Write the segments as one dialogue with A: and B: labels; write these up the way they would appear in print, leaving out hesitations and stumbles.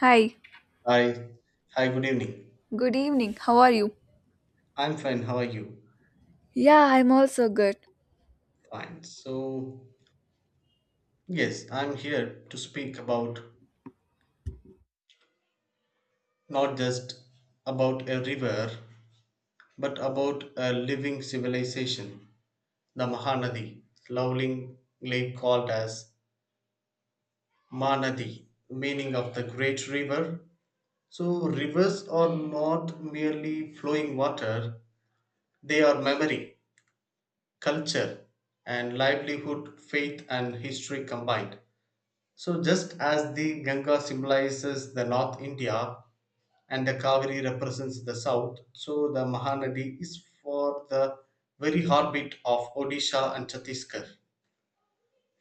A: Hi,
B: Hi. Hi, good evening.
A: good evening. How are you?
B: I'm fine. How are you?
A: Yeah, I'm also good.
B: Fine. So, yes, I'm here to speak about not just about a river, but about a living civilization, the Mahanadi, lovingly called as Manadi, meaning of the great river. So, rivers are not merely flowing water, they are memory, culture, and livelihood, faith, and history combined. So, just as the Ganga symbolizes the North India and the Kaveri represents the South, so the Mahanadi is for the very heartbeat of Odisha and Chhattisgarh.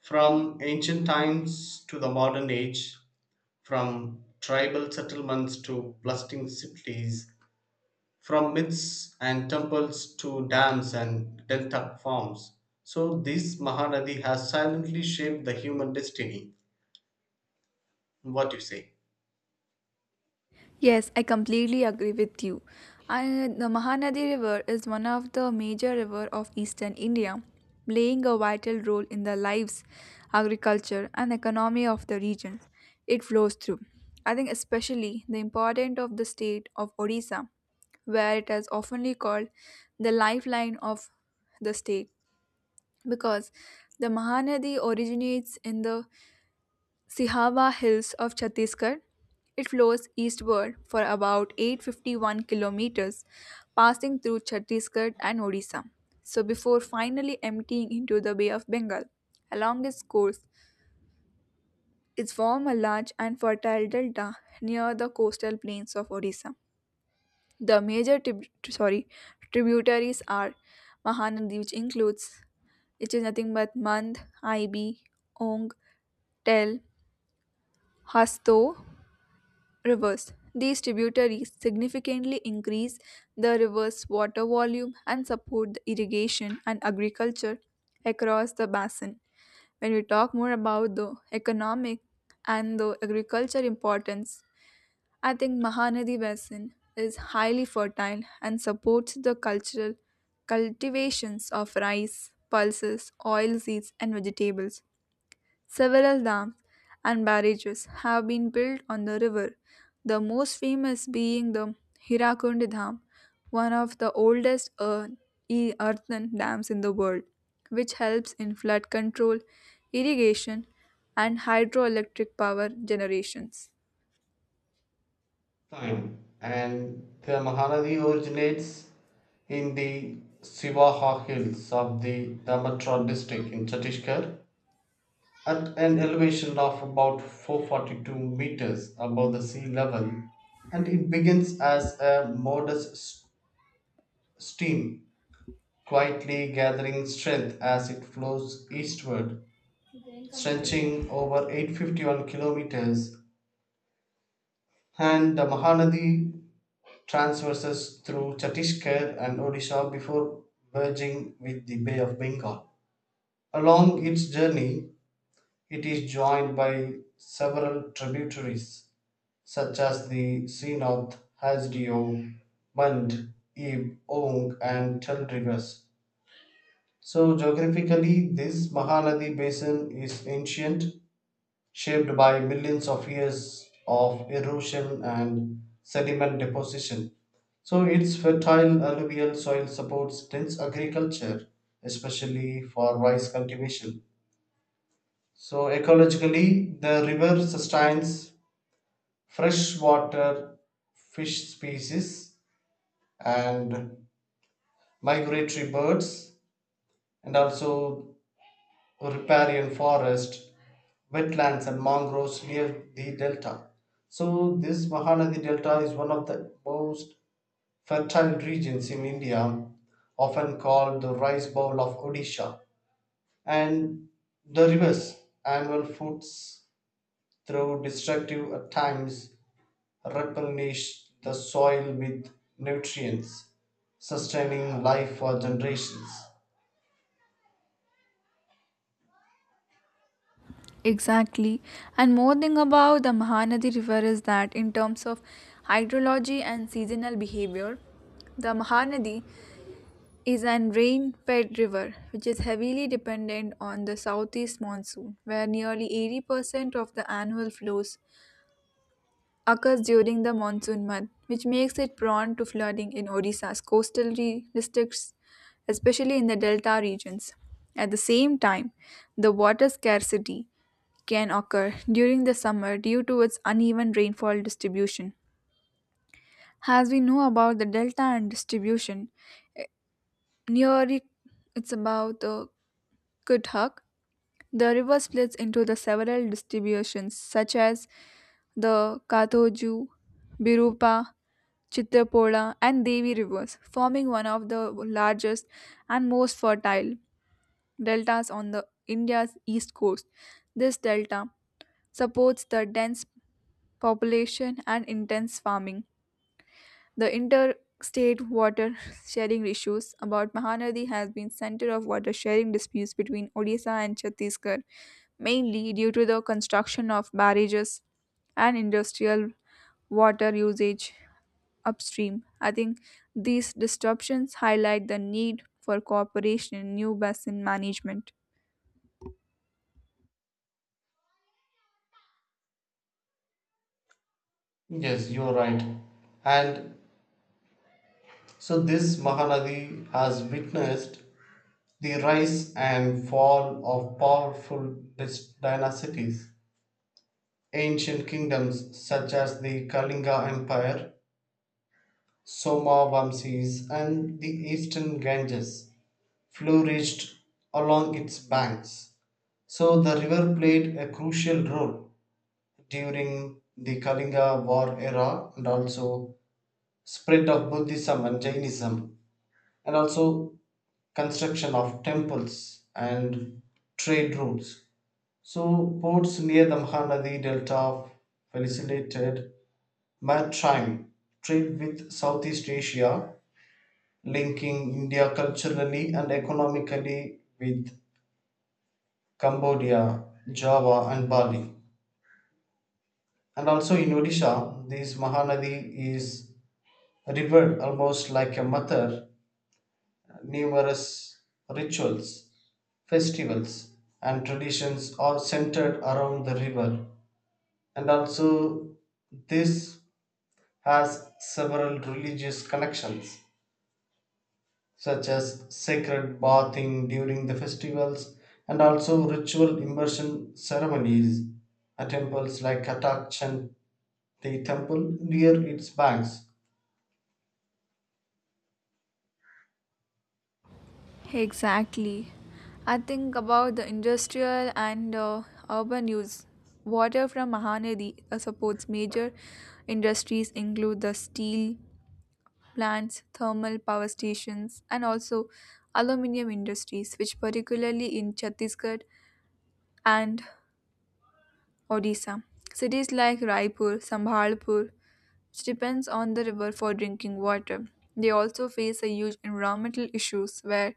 B: From ancient times to the modern age, from tribal settlements to bustling cities, from myths and temples to dams and delta farms. So, this Mahanadi has silently shaped the human destiny. What do you say?
A: Yes, I completely agree with you. The Mahanadi River is one of the major river of eastern India, playing a vital role in the lives, agriculture, and economy of the regions it flows through. I think especially the importance of the state of Odisha, where it is oftenly called the lifeline of the state because the Mahanadi originates in the Sihawa Hills of Chhattisgarh. It flows eastward for about 851 kilometers, passing through Chhattisgarh and Odisha, so before finally emptying into the Bay of Bengal. Along its course, it forms a large and fertile delta near the coastal plains of Odisha. The tributaries are Mahanadi, which is nothing but Mand, Ibi, Ong, Tel, Hasto, rivers. These tributaries significantly increase the river's water volume and support the irrigation and agriculture across the basin. When we talk more about the economic and the agriculture importance, I think Mahanadi Basin is highly fertile and supports the cultural cultivations of rice, pulses, oilseeds, and vegetables. Several dams and barrages have been built on the river, the most famous being the Hirakundi Dam, one of the oldest earthen dams in the world, which helps in flood control, irrigation, and hydroelectric power generations.
B: Time and the Mahanadi originates in the Sivaha hills of the Damatra district in Chhattisgarh at an elevation of about 442 meters above the sea level, and it begins as a modest stream, quietly gathering strength as it flows eastward, stretching over 851 kilometers. And the Mahanadi transverses through Chhattisgarh and Odisha before merging with the Bay of Bengal. Along its journey, it is joined by several tributaries such as the Seenoth, Hasdeo, Mand, Ib, Ong, and Tel rivers. So, geographically, this Mahanadi basin is ancient, shaped by millions of years of erosion and sediment deposition. So, its fertile alluvial soil supports dense agriculture, especially for rice cultivation. So, ecologically, the river sustains freshwater fish species and migratory birds, and also riparian forest wetlands and mangroves near the delta. So, this Mahanadi Delta is one of the most fertile regions in India, often called the rice bowl of Odisha. And the rivers, annual foods, though destructive at times, replenish the soil with nutrients, sustaining life for generations.
A: Exactly. And more thing about the Mahanadi River is that in terms of hydrology and seasonal behavior, the Mahanadi is an rain-fed river, which is heavily dependent on the southeast monsoon, where nearly 80% of the annual flows occurs during the monsoon month, which makes it prone to flooding in Odisha's coastal districts, especially in the delta regions. At the same time, the water scarcity can occur during the summer due to its uneven rainfall distribution. As we know about the delta and distribution, near it, it's about the Kuthak. The river splits into the several distributions such as the Kathoju, Birupa, Chitrapola and Devi rivers, forming one of the largest and most fertile deltas on the India's east coast. This delta supports the dense population and intense farming. The interstate water sharing issues about Mahanadi has been center of water sharing disputes between Odisha and Chhattisgarh, mainly due to the construction of barrages and industrial water usage upstream. I think these disruptions highlight the need for cooperation in new basin management.
B: Yes, you're right. And so this Mahanadi has witnessed the rise and fall of powerful dynasties, ancient kingdoms such as the Kalinga Empire, Somavamsis, and the eastern Ganges, flourished along its banks. So the river played a crucial role during the Kalinga War era and also spread of Buddhism and Jainism and also construction of temples and trade routes. So, ports near the Mahanadi Delta facilitated maritime trade with Southeast Asia, linking India culturally and economically with Cambodia, Java, and Bali. And also in Odisha, this Mahanadi is revered almost like a mother. Numerous rituals, festivals, and traditions are centered around the river. And also, this has several religious connections, such as sacred bathing during the festivals and also ritual immersion ceremonies at temples like Katak Chan, the temple near its banks.
A: Exactly. I think about the industrial and urban use. Water from Mahanadi supports major industries include the steel plants, thermal power stations, and also aluminium industries, which particularly in Chhattisgarh and Odisha. Cities like Raipur, Sambhalpur, which depends on the river for drinking water. They also face a huge environmental issues where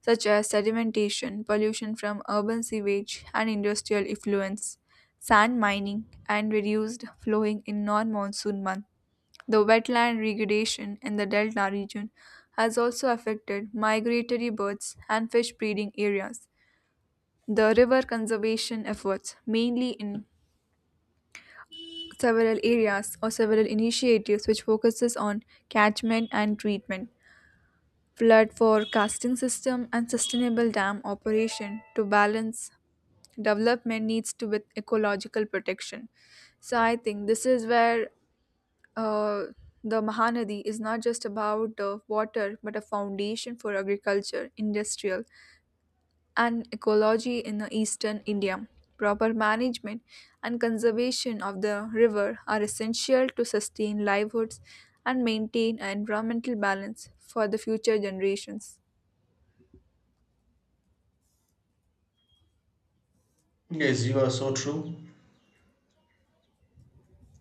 A: such as sedimentation, pollution from urban sewage and industrial effluents, sand mining, and reduced flowing in non monsoon months. The wetland degradation in the delta region has also affected migratory birds and fish breeding areas. The river conservation efforts, mainly in several areas or several initiatives which focuses on catchment and treatment, flood forecasting system and sustainable dam operation to balance development needs to with ecological protection. So I think this is where uh, the Mahanadi is not just about water but a foundation for agriculture industrial and ecology in the eastern India. Proper management and conservation of the river are essential to sustain livelihoods and maintain an environmental balance for the future generations.
B: Yes, you are so true.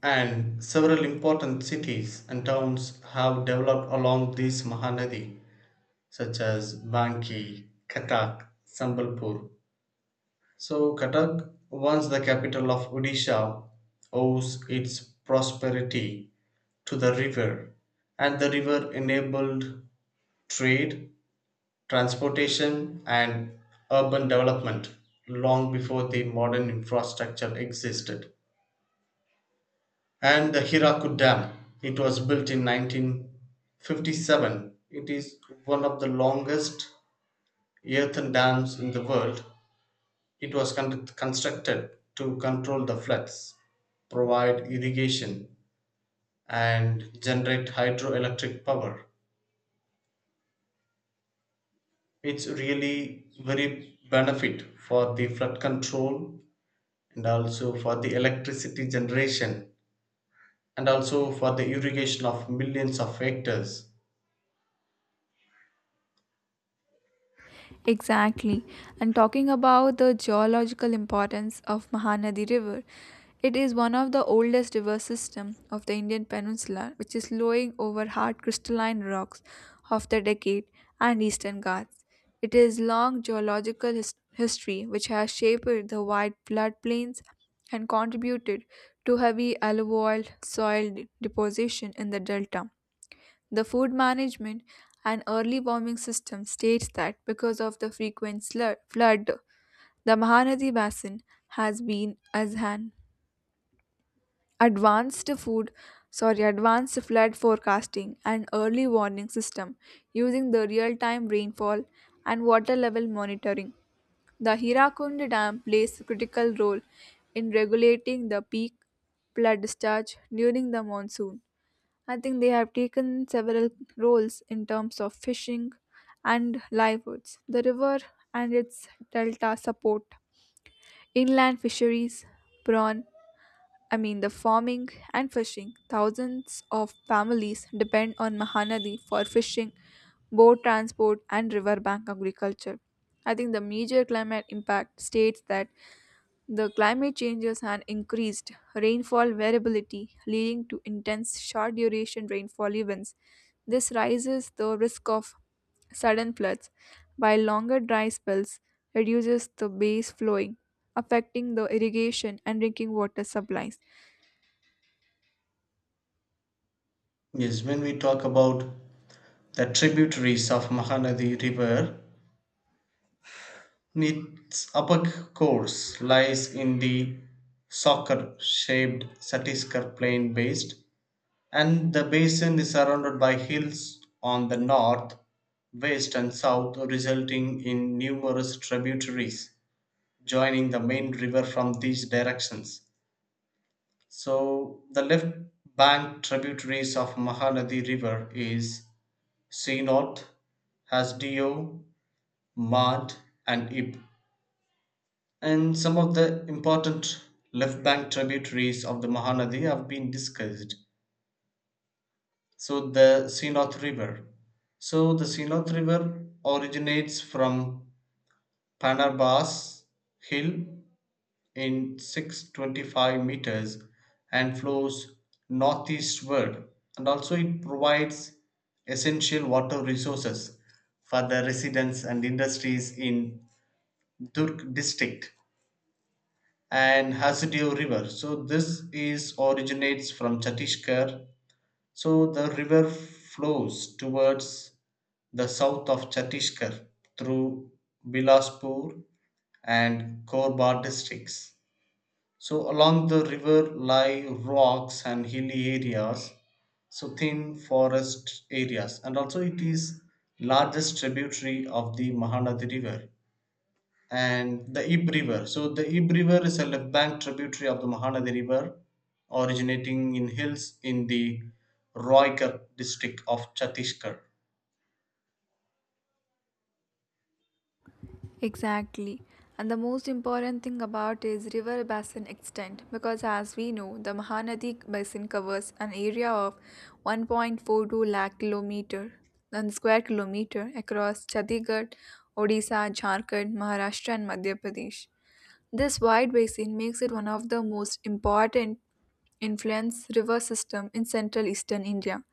B: And several important cities and towns have developed along this Mahanadi, such as Banki, Katak, Sambalpur. So, Cuttack, once the capital of Odisha, owes its prosperity to the river, and the river enabled trade, transportation, and urban development long before the modern infrastructure existed. And the Hirakud Dam, it was built in 1957. It is one of the longest earthen dams in the world. It was constructed to control the floods, provide irrigation, and generate hydroelectric power. It's really very benefit for the flood control and also for the electricity generation and also for the irrigation of millions of hectares.
A: Exactly. And talking about the geological importance of Mahanadi River, it is one of the oldest river system of the Indian peninsula, which is flowing over hard crystalline rocks of the Deccan and Eastern Ghats. It is long geological history which has shaped the wide floodplains and contributed to heavy alluvial soil deposition in the delta. The Food Management and Early Warming System states that because of the frequent flood, the Mahanadi Basin has been as an advanced food, advanced flood forecasting and early warning system using the real-time rainfall and water level monitoring. The Hirakund Dam plays a critical role in regulating the peak flood discharge during the monsoon. I think they have taken several roles in terms of fishing and livelihoods. The river and its delta support inland fisheries, prawn, I mean the farming and fishing. Thousands of families depend on Mahanadi for fishing, boat transport, and riverbank agriculture. I think the major climate impact states that the climate changes and increased rainfall variability, leading to intense short duration rainfall events. This raises the risk of sudden floods, while longer dry spells reduces the base flowing, affecting the irrigation and drinking water supplies.
B: Yes, when we talk about the tributaries of Mahanadi River, its upper course lies in the Soccer shaped Satiscar plain basin, and the basin is surrounded by hills on the north, west, and south, resulting in numerous tributaries joining the main river from these directions. So, the left bank tributaries of Mahanadi River is Sinot, Hasdio, Mad, and Ib. And some of the important left bank tributaries of the Mahanadi have been discussed. So the Sinoth River. So the Sinoth River originates from Panarbas Hill in 625 meters and flows northeastward, and also it provides essential water resources for the residents and industries in Durg district, and Hasidiyo river. So this is originates from Chhattisgarh. So the river flows towards the south of Chhattisgarh through Bilaspur and Korba districts. So along the river lie rocks and hilly areas, so thin forest areas, and also it is largest tributary of the Mahanadi river, and the Ib River. So the Ib River is a left bank tributary of the Mahanadi River, originating in hills in the Roygarh district of Chhattisgarh.
A: Exactly. And the most important thing about is river basin extent because as we know the Mahanadi basin covers an area of 1.42 lakh kilometer and square kilometer across Chhattisgarh, Odisha, Jharkhand, Maharashtra and Madhya Pradesh. This wide basin makes it one of the most important influence river system in central eastern India.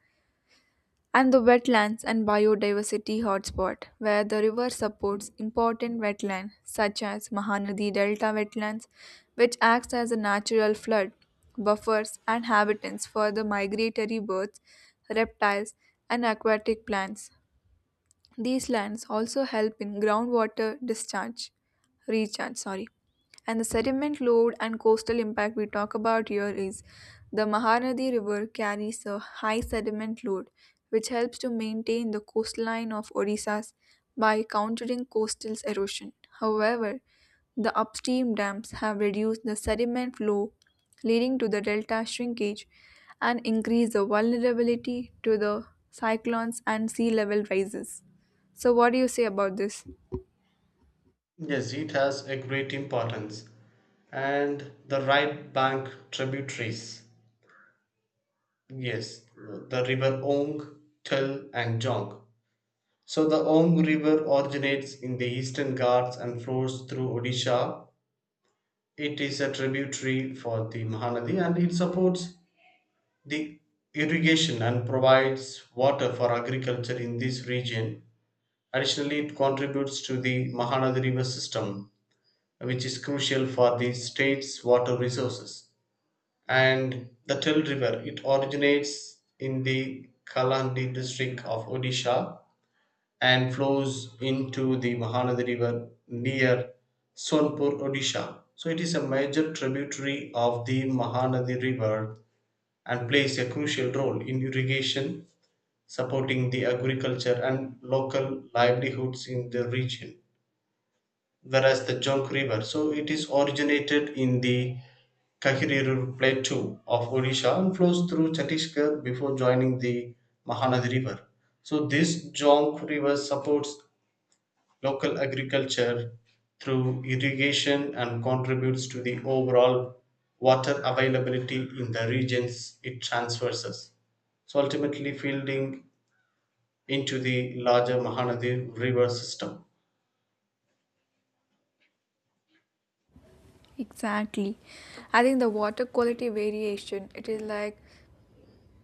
A: And the wetlands and biodiversity hotspot where the river supports important wetlands such as Mahanadi Delta wetlands which acts as a natural flood buffers and habitats for the migratory birds, reptiles and aquatic plants. These lands also help in groundwater recharge, sorry. And the sediment load and coastal impact we talk about here is the Mahanadi River carries a high sediment load, which helps to maintain the coastline of Odisha by countering coastal erosion. However, the upstream dams have reduced the sediment flow, leading to the delta shrinkage and increase the vulnerability to the cyclones and sea level rises. So what do you say about this?
B: Yes, it has a great importance. And the right bank tributaries. Yes, the river Ong, Tel, and Jong. So the Ong River originates in the Eastern Ghats and flows through Odisha. It is a tributary for the Mahanadi and it supports the irrigation and provides water for agriculture in this region. Additionally, it contributes to the Mahanadi River system, which is crucial for the state's water resources. And the Tel River, it originates in the Kalandi district of Odisha and flows into the Mahanadi River near Sonpur, Odisha. So it is a major tributary of the Mahanadi River and plays a crucial role in irrigation, supporting the agriculture and local livelihoods in the region. Whereas the Jonk River, so it is originated in the Kahiriru Plateau of Odisha and flows through Chhattisgarh before joining the Mahanadi River. So this Jonk River supports local agriculture through irrigation and contributes to the overall water availability in the regions it transverses. So ultimately, fielding into the larger Mahanadi river system.
A: Exactly. I think the water quality variation, it is like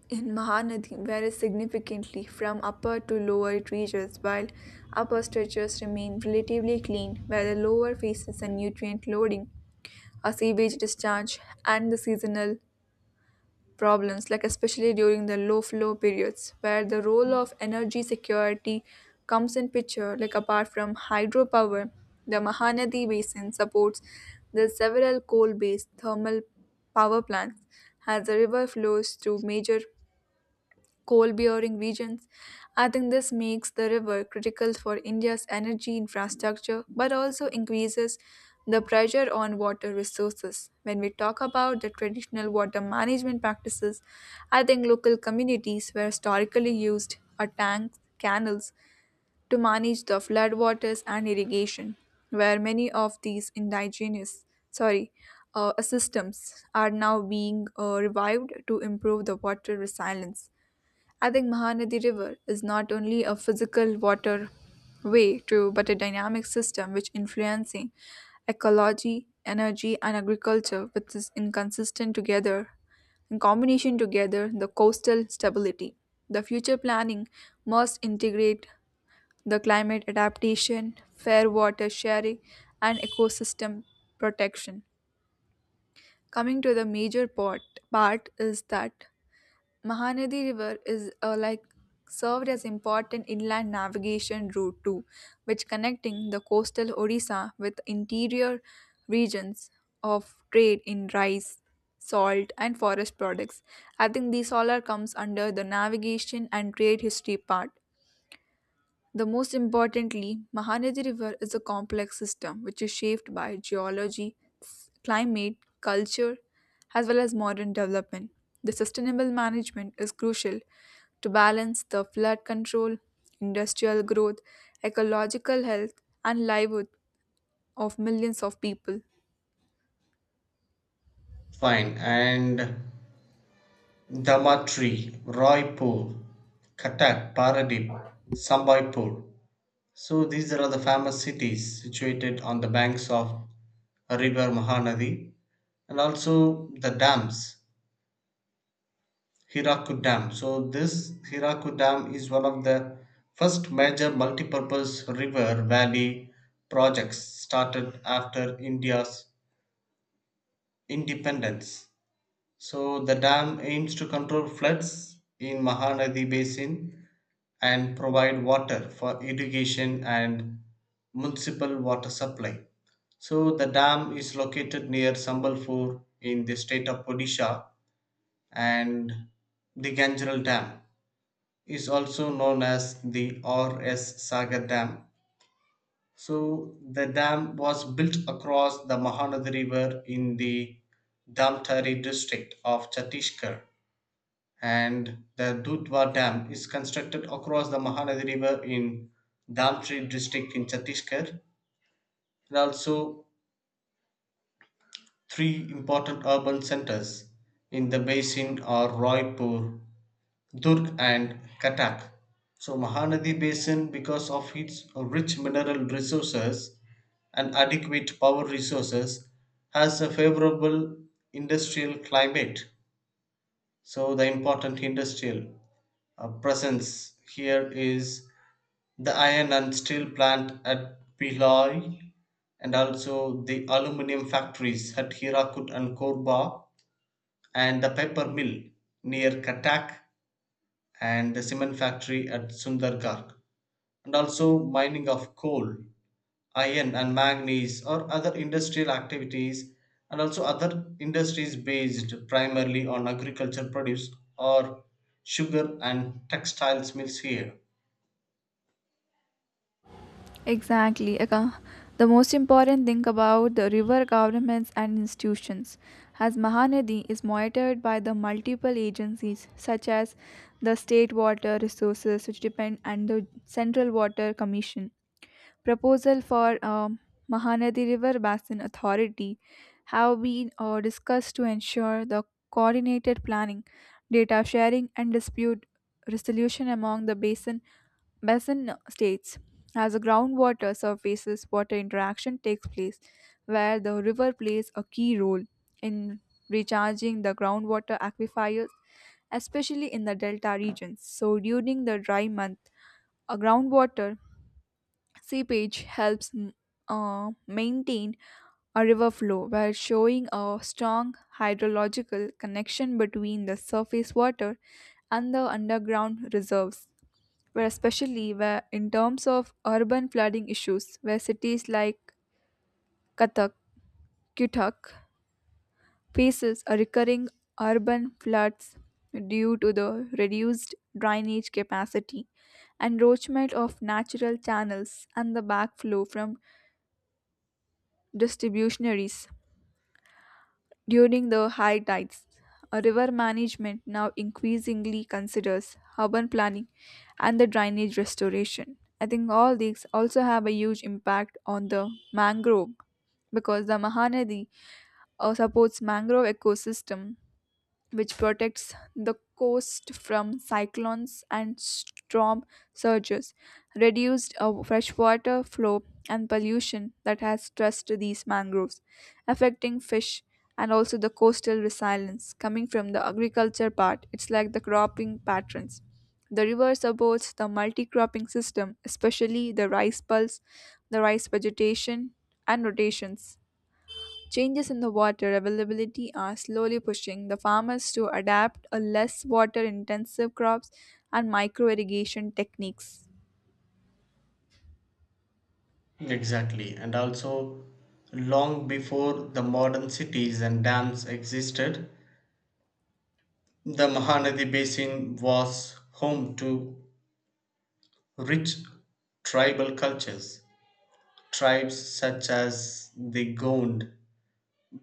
A: in Mahanadi varies significantly from upper to lower it reaches, while upper stretches remain relatively clean, where the lower faces a nutrient loading, a sewage discharge, and the seasonal problems, like especially during the low flow periods, where the role of energy security comes in picture. Like apart from hydropower, the Mahanadi Basin supports the several coal-based thermal power plants as the river flows through major coal bearing regions. I think this makes the river critical for India's energy infrastructure but also increases the pressure on water resources. When we talk about the traditional water management practices, I think local communities were historically used a tanks, canals to manage the floodwaters and irrigation, where many of these indigenous, sorry systems are now being revived to improve the water resilience. I think Mahanadi River is not only a physical water way to but a dynamic system which influencing ecology, energy and agriculture which is inconsistent together in combination together the coastal stability. The future planning must integrate the climate adaptation, fair water sharing and ecosystem protection. Coming to the major part is that Mahanadi River is like served as important inland navigation route too, which connecting the coastal Odisha with interior regions of trade in rice, salt, and forest products. I think these all are comes under the navigation and trade history part. The most importantly, Mahanadi River is a complex system which is shaped by geology, climate, culture, as well as modern development. The sustainable management is crucial to balance the flood control, industrial growth, ecological health, and livelihood of millions of people.
B: Fine. And Damatri, Raipur, Katak, Paradip, Sambaipur. So these are the famous cities situated on the banks of river Mahanadi, and also the dams, Hirakud Dam. So this Hirakud Dam is one of the first major multipurpose river valley projects started after India's independence. So the dam aims to control floods in Mahanadi basin and provide water for irrigation and municipal water supply. So the dam is located near Sambalpur in the state of Odisha, and the Gangeral Dam is also known as the RS Sagar Dam. So the dam was built across the Mahanadi River in the Damtari district of Chhattisgarh, and the Dudhwa Dam is constructed across the Mahanadi River in Damtri district in Chhattisgarh. And also, three important urban centers in the basin are Roypur, Durg, and Katak. So, Mahanadi Basin, because of its rich mineral resources and adequate power resources, has a favorable industrial climate. So, the important industrial presence here is the iron and steel plant at Pillai, and also the aluminium factories at Hirakut and Korba, and the paper mill near Katak, and the cement factory at Sundargarh, and also mining of coal, iron, and manganese, or other industrial activities, and also other industries based primarily on agriculture produce or sugar and textiles mills here.
A: Exactly. The most important thing about the river governments and institutions, as Mahanadi is monitored by the multiple agencies such as the State Water Resources, which depend, and the Central Water Commission. Proposal for Mahanadi River Basin Authority have been discussed to ensure the coordinated planning, data sharing, and dispute resolution among the Basin states as the groundwater surfaces, water interaction takes place, where the river plays a key role in recharging the groundwater aquifers, especially in the delta regions. So, during the dry month, a groundwater seepage helps maintain a river flow, while showing a strong hydrological connection between the surface water and the underground reserves where especially where in terms of urban flooding issues where cities like Kathak, Cuttack faces a recurring urban floods due to the reduced drainage capacity, encroachment of natural channels and the backflow from distributionaries. During the high tides, a river management now increasingly considers urban planning and the drainage restoration. I think all these also have a huge impact on the mangrove because the Mahanadi supports mangrove ecosystem which protects the coast from cyclones and storm surges. Reduced freshwater flow and pollution that has stressed these mangroves, affecting fish and also the coastal resilience. Coming from the agriculture part, it's like the cropping patterns. The river supports the multi-cropping system, especially the rice pulse, the rice vegetation, and rotations. Changes in the water availability are slowly pushing the farmers to adapt a less water intensive crops and micro irrigation techniques.
B: Exactly, and also long before the modern cities and dams existed, the Mahanadi basin was home to rich tribal cultures. Tribes such as the Gond,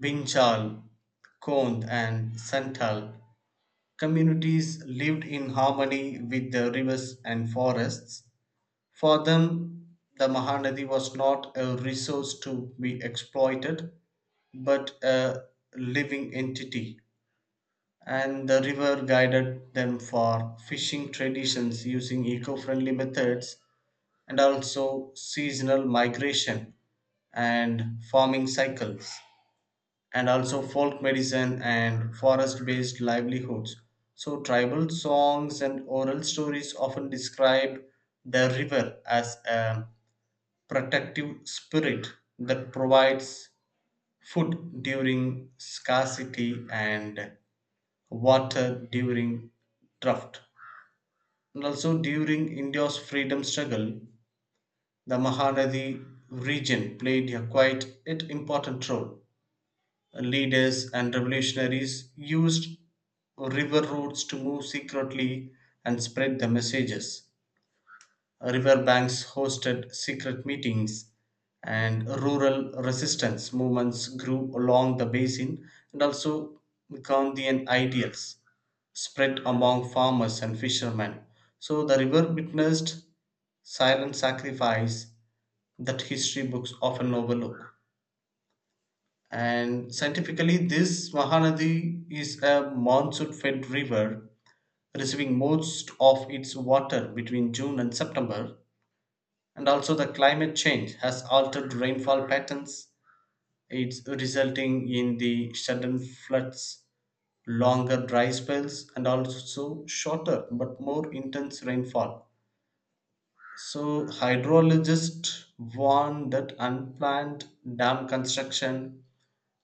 B: Binchal, Kond, and Santal communities lived in harmony with the rivers and forests. For them, the Mahanadi was not a resource to be exploited but a living entity, and the river guided them for fishing traditions using eco friendly methods, and also seasonal migration and farming cycles, and also folk medicine and forest based livelihoods. So, tribal songs and oral stories often describe the river as a protective spirit that provides food during scarcity and water during drought. And also during India's freedom struggle, the Mahanadi region played a quite an important role. Leaders and revolutionaries used river routes to move secretly and spread the messages. Riverbanks hosted secret meetings, and rural resistance movements grew along the basin, and also Gandhian ideals spread among farmers and fishermen. So the river witnessed silent sacrifice that history books often overlook. And scientifically, this Mahanadi is a monsoon fed river, receiving most of its water between June and September, and also the climate change has altered rainfall patterns, it's resulting in the sudden floods, longer dry spells, and also shorter but more intense rainfall. So hydrologists warn that unplanned dam construction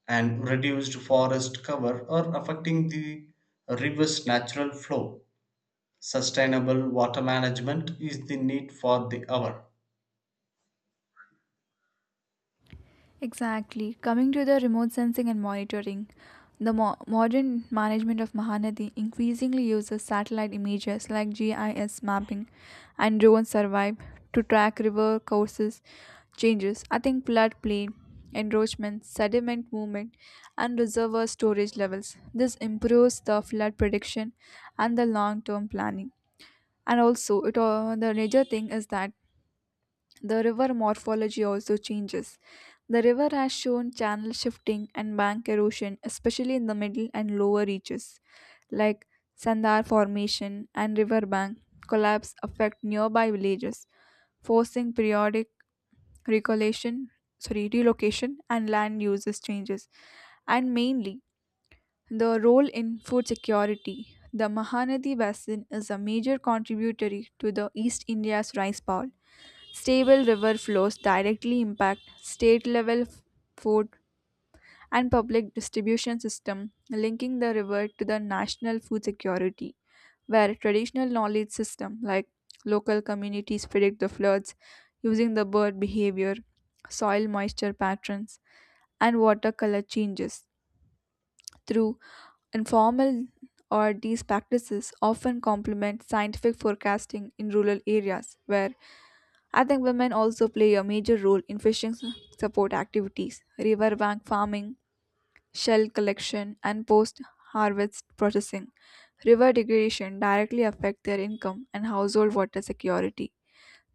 B: and reduced forest cover are affecting the river's natural flow. Sustainable water management is the need for the hour.
A: Exactly. Coming to the remote sensing and monitoring, the modern management of Mahanadi increasingly uses satellite images like GIS mapping and drone survey to track river courses changes. I think floodplain, encroachment, sediment movement, and reservoir storage levels. This improves the flood prediction and the long-term planning. And also, it all, the major thing is that the river morphology also changes. The river has shown channel shifting and bank erosion, especially in the middle and lower reaches, like Sandar Formation and riverbank collapse affect nearby villages, forcing periodic recollection, relocation and land uses changes. And mainly, the role in food security. The Mahanadi Basin is a major contributory to the East India's rice bowl. Stable river flows directly impact state level food and public distribution system linking the river to the national food security where traditional knowledge system like local communities predict the floods using the bird behavior, soil moisture patterns and water color changes through informal or these practices often complement scientific forecasting in rural areas where I think women also play a major role in fishing support activities, riverbank farming, shell collection, and post harvest processing. River degradation directly affect their income and household water security.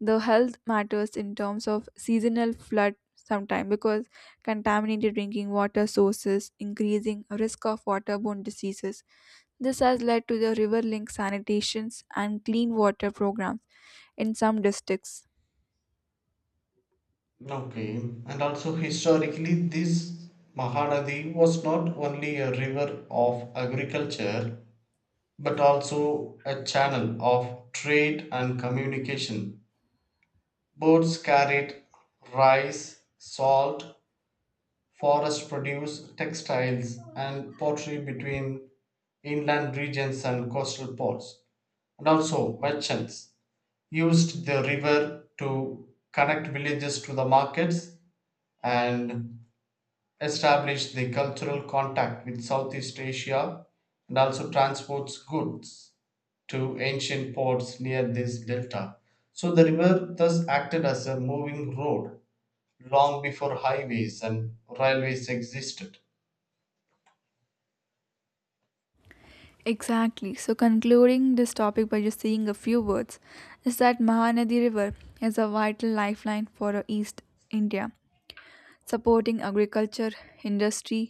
A: The health matters in terms of seasonal flood sometime because contaminated drinking water sources increasing risk of waterborne diseases. This has led to the river link sanitations and clean water programs in some districts.
B: Okay, and also historically, this Mahanadi was not only a river of agriculture but also a channel of trade and communication. Boats carried rice, salt, forest produce, textiles, and pottery between inland regions and coastal ports. And also, merchants used the river to connect villages to the markets and established the cultural contact with Southeast Asia, and also transports goods to ancient ports near this delta. So the river thus acted as a moving road long before highways and railways existed.
A: Exactly. So, concluding this topic by just saying a few words, is that Mahanadi River is a vital lifeline for East India, supporting agriculture, industry,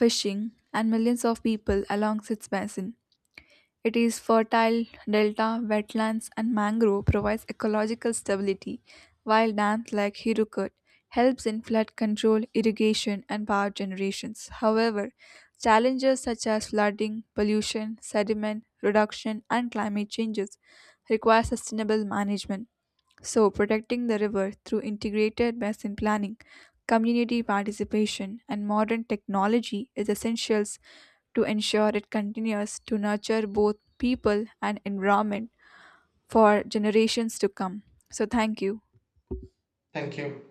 A: fishing, and millions of people along its basin. It is fertile delta, wetlands, and mangrove provides ecological stability, while dams like Hirukut helps in flood control, irrigation, and power generations. However, challenges such as flooding, pollution, sediment reduction, and climate changes require sustainable management. So, protecting the river through integrated basin planning, community participation, and modern technology is essential to ensure it continues to nurture both people and environment for generations to come. So, thank you.
B: Thank you.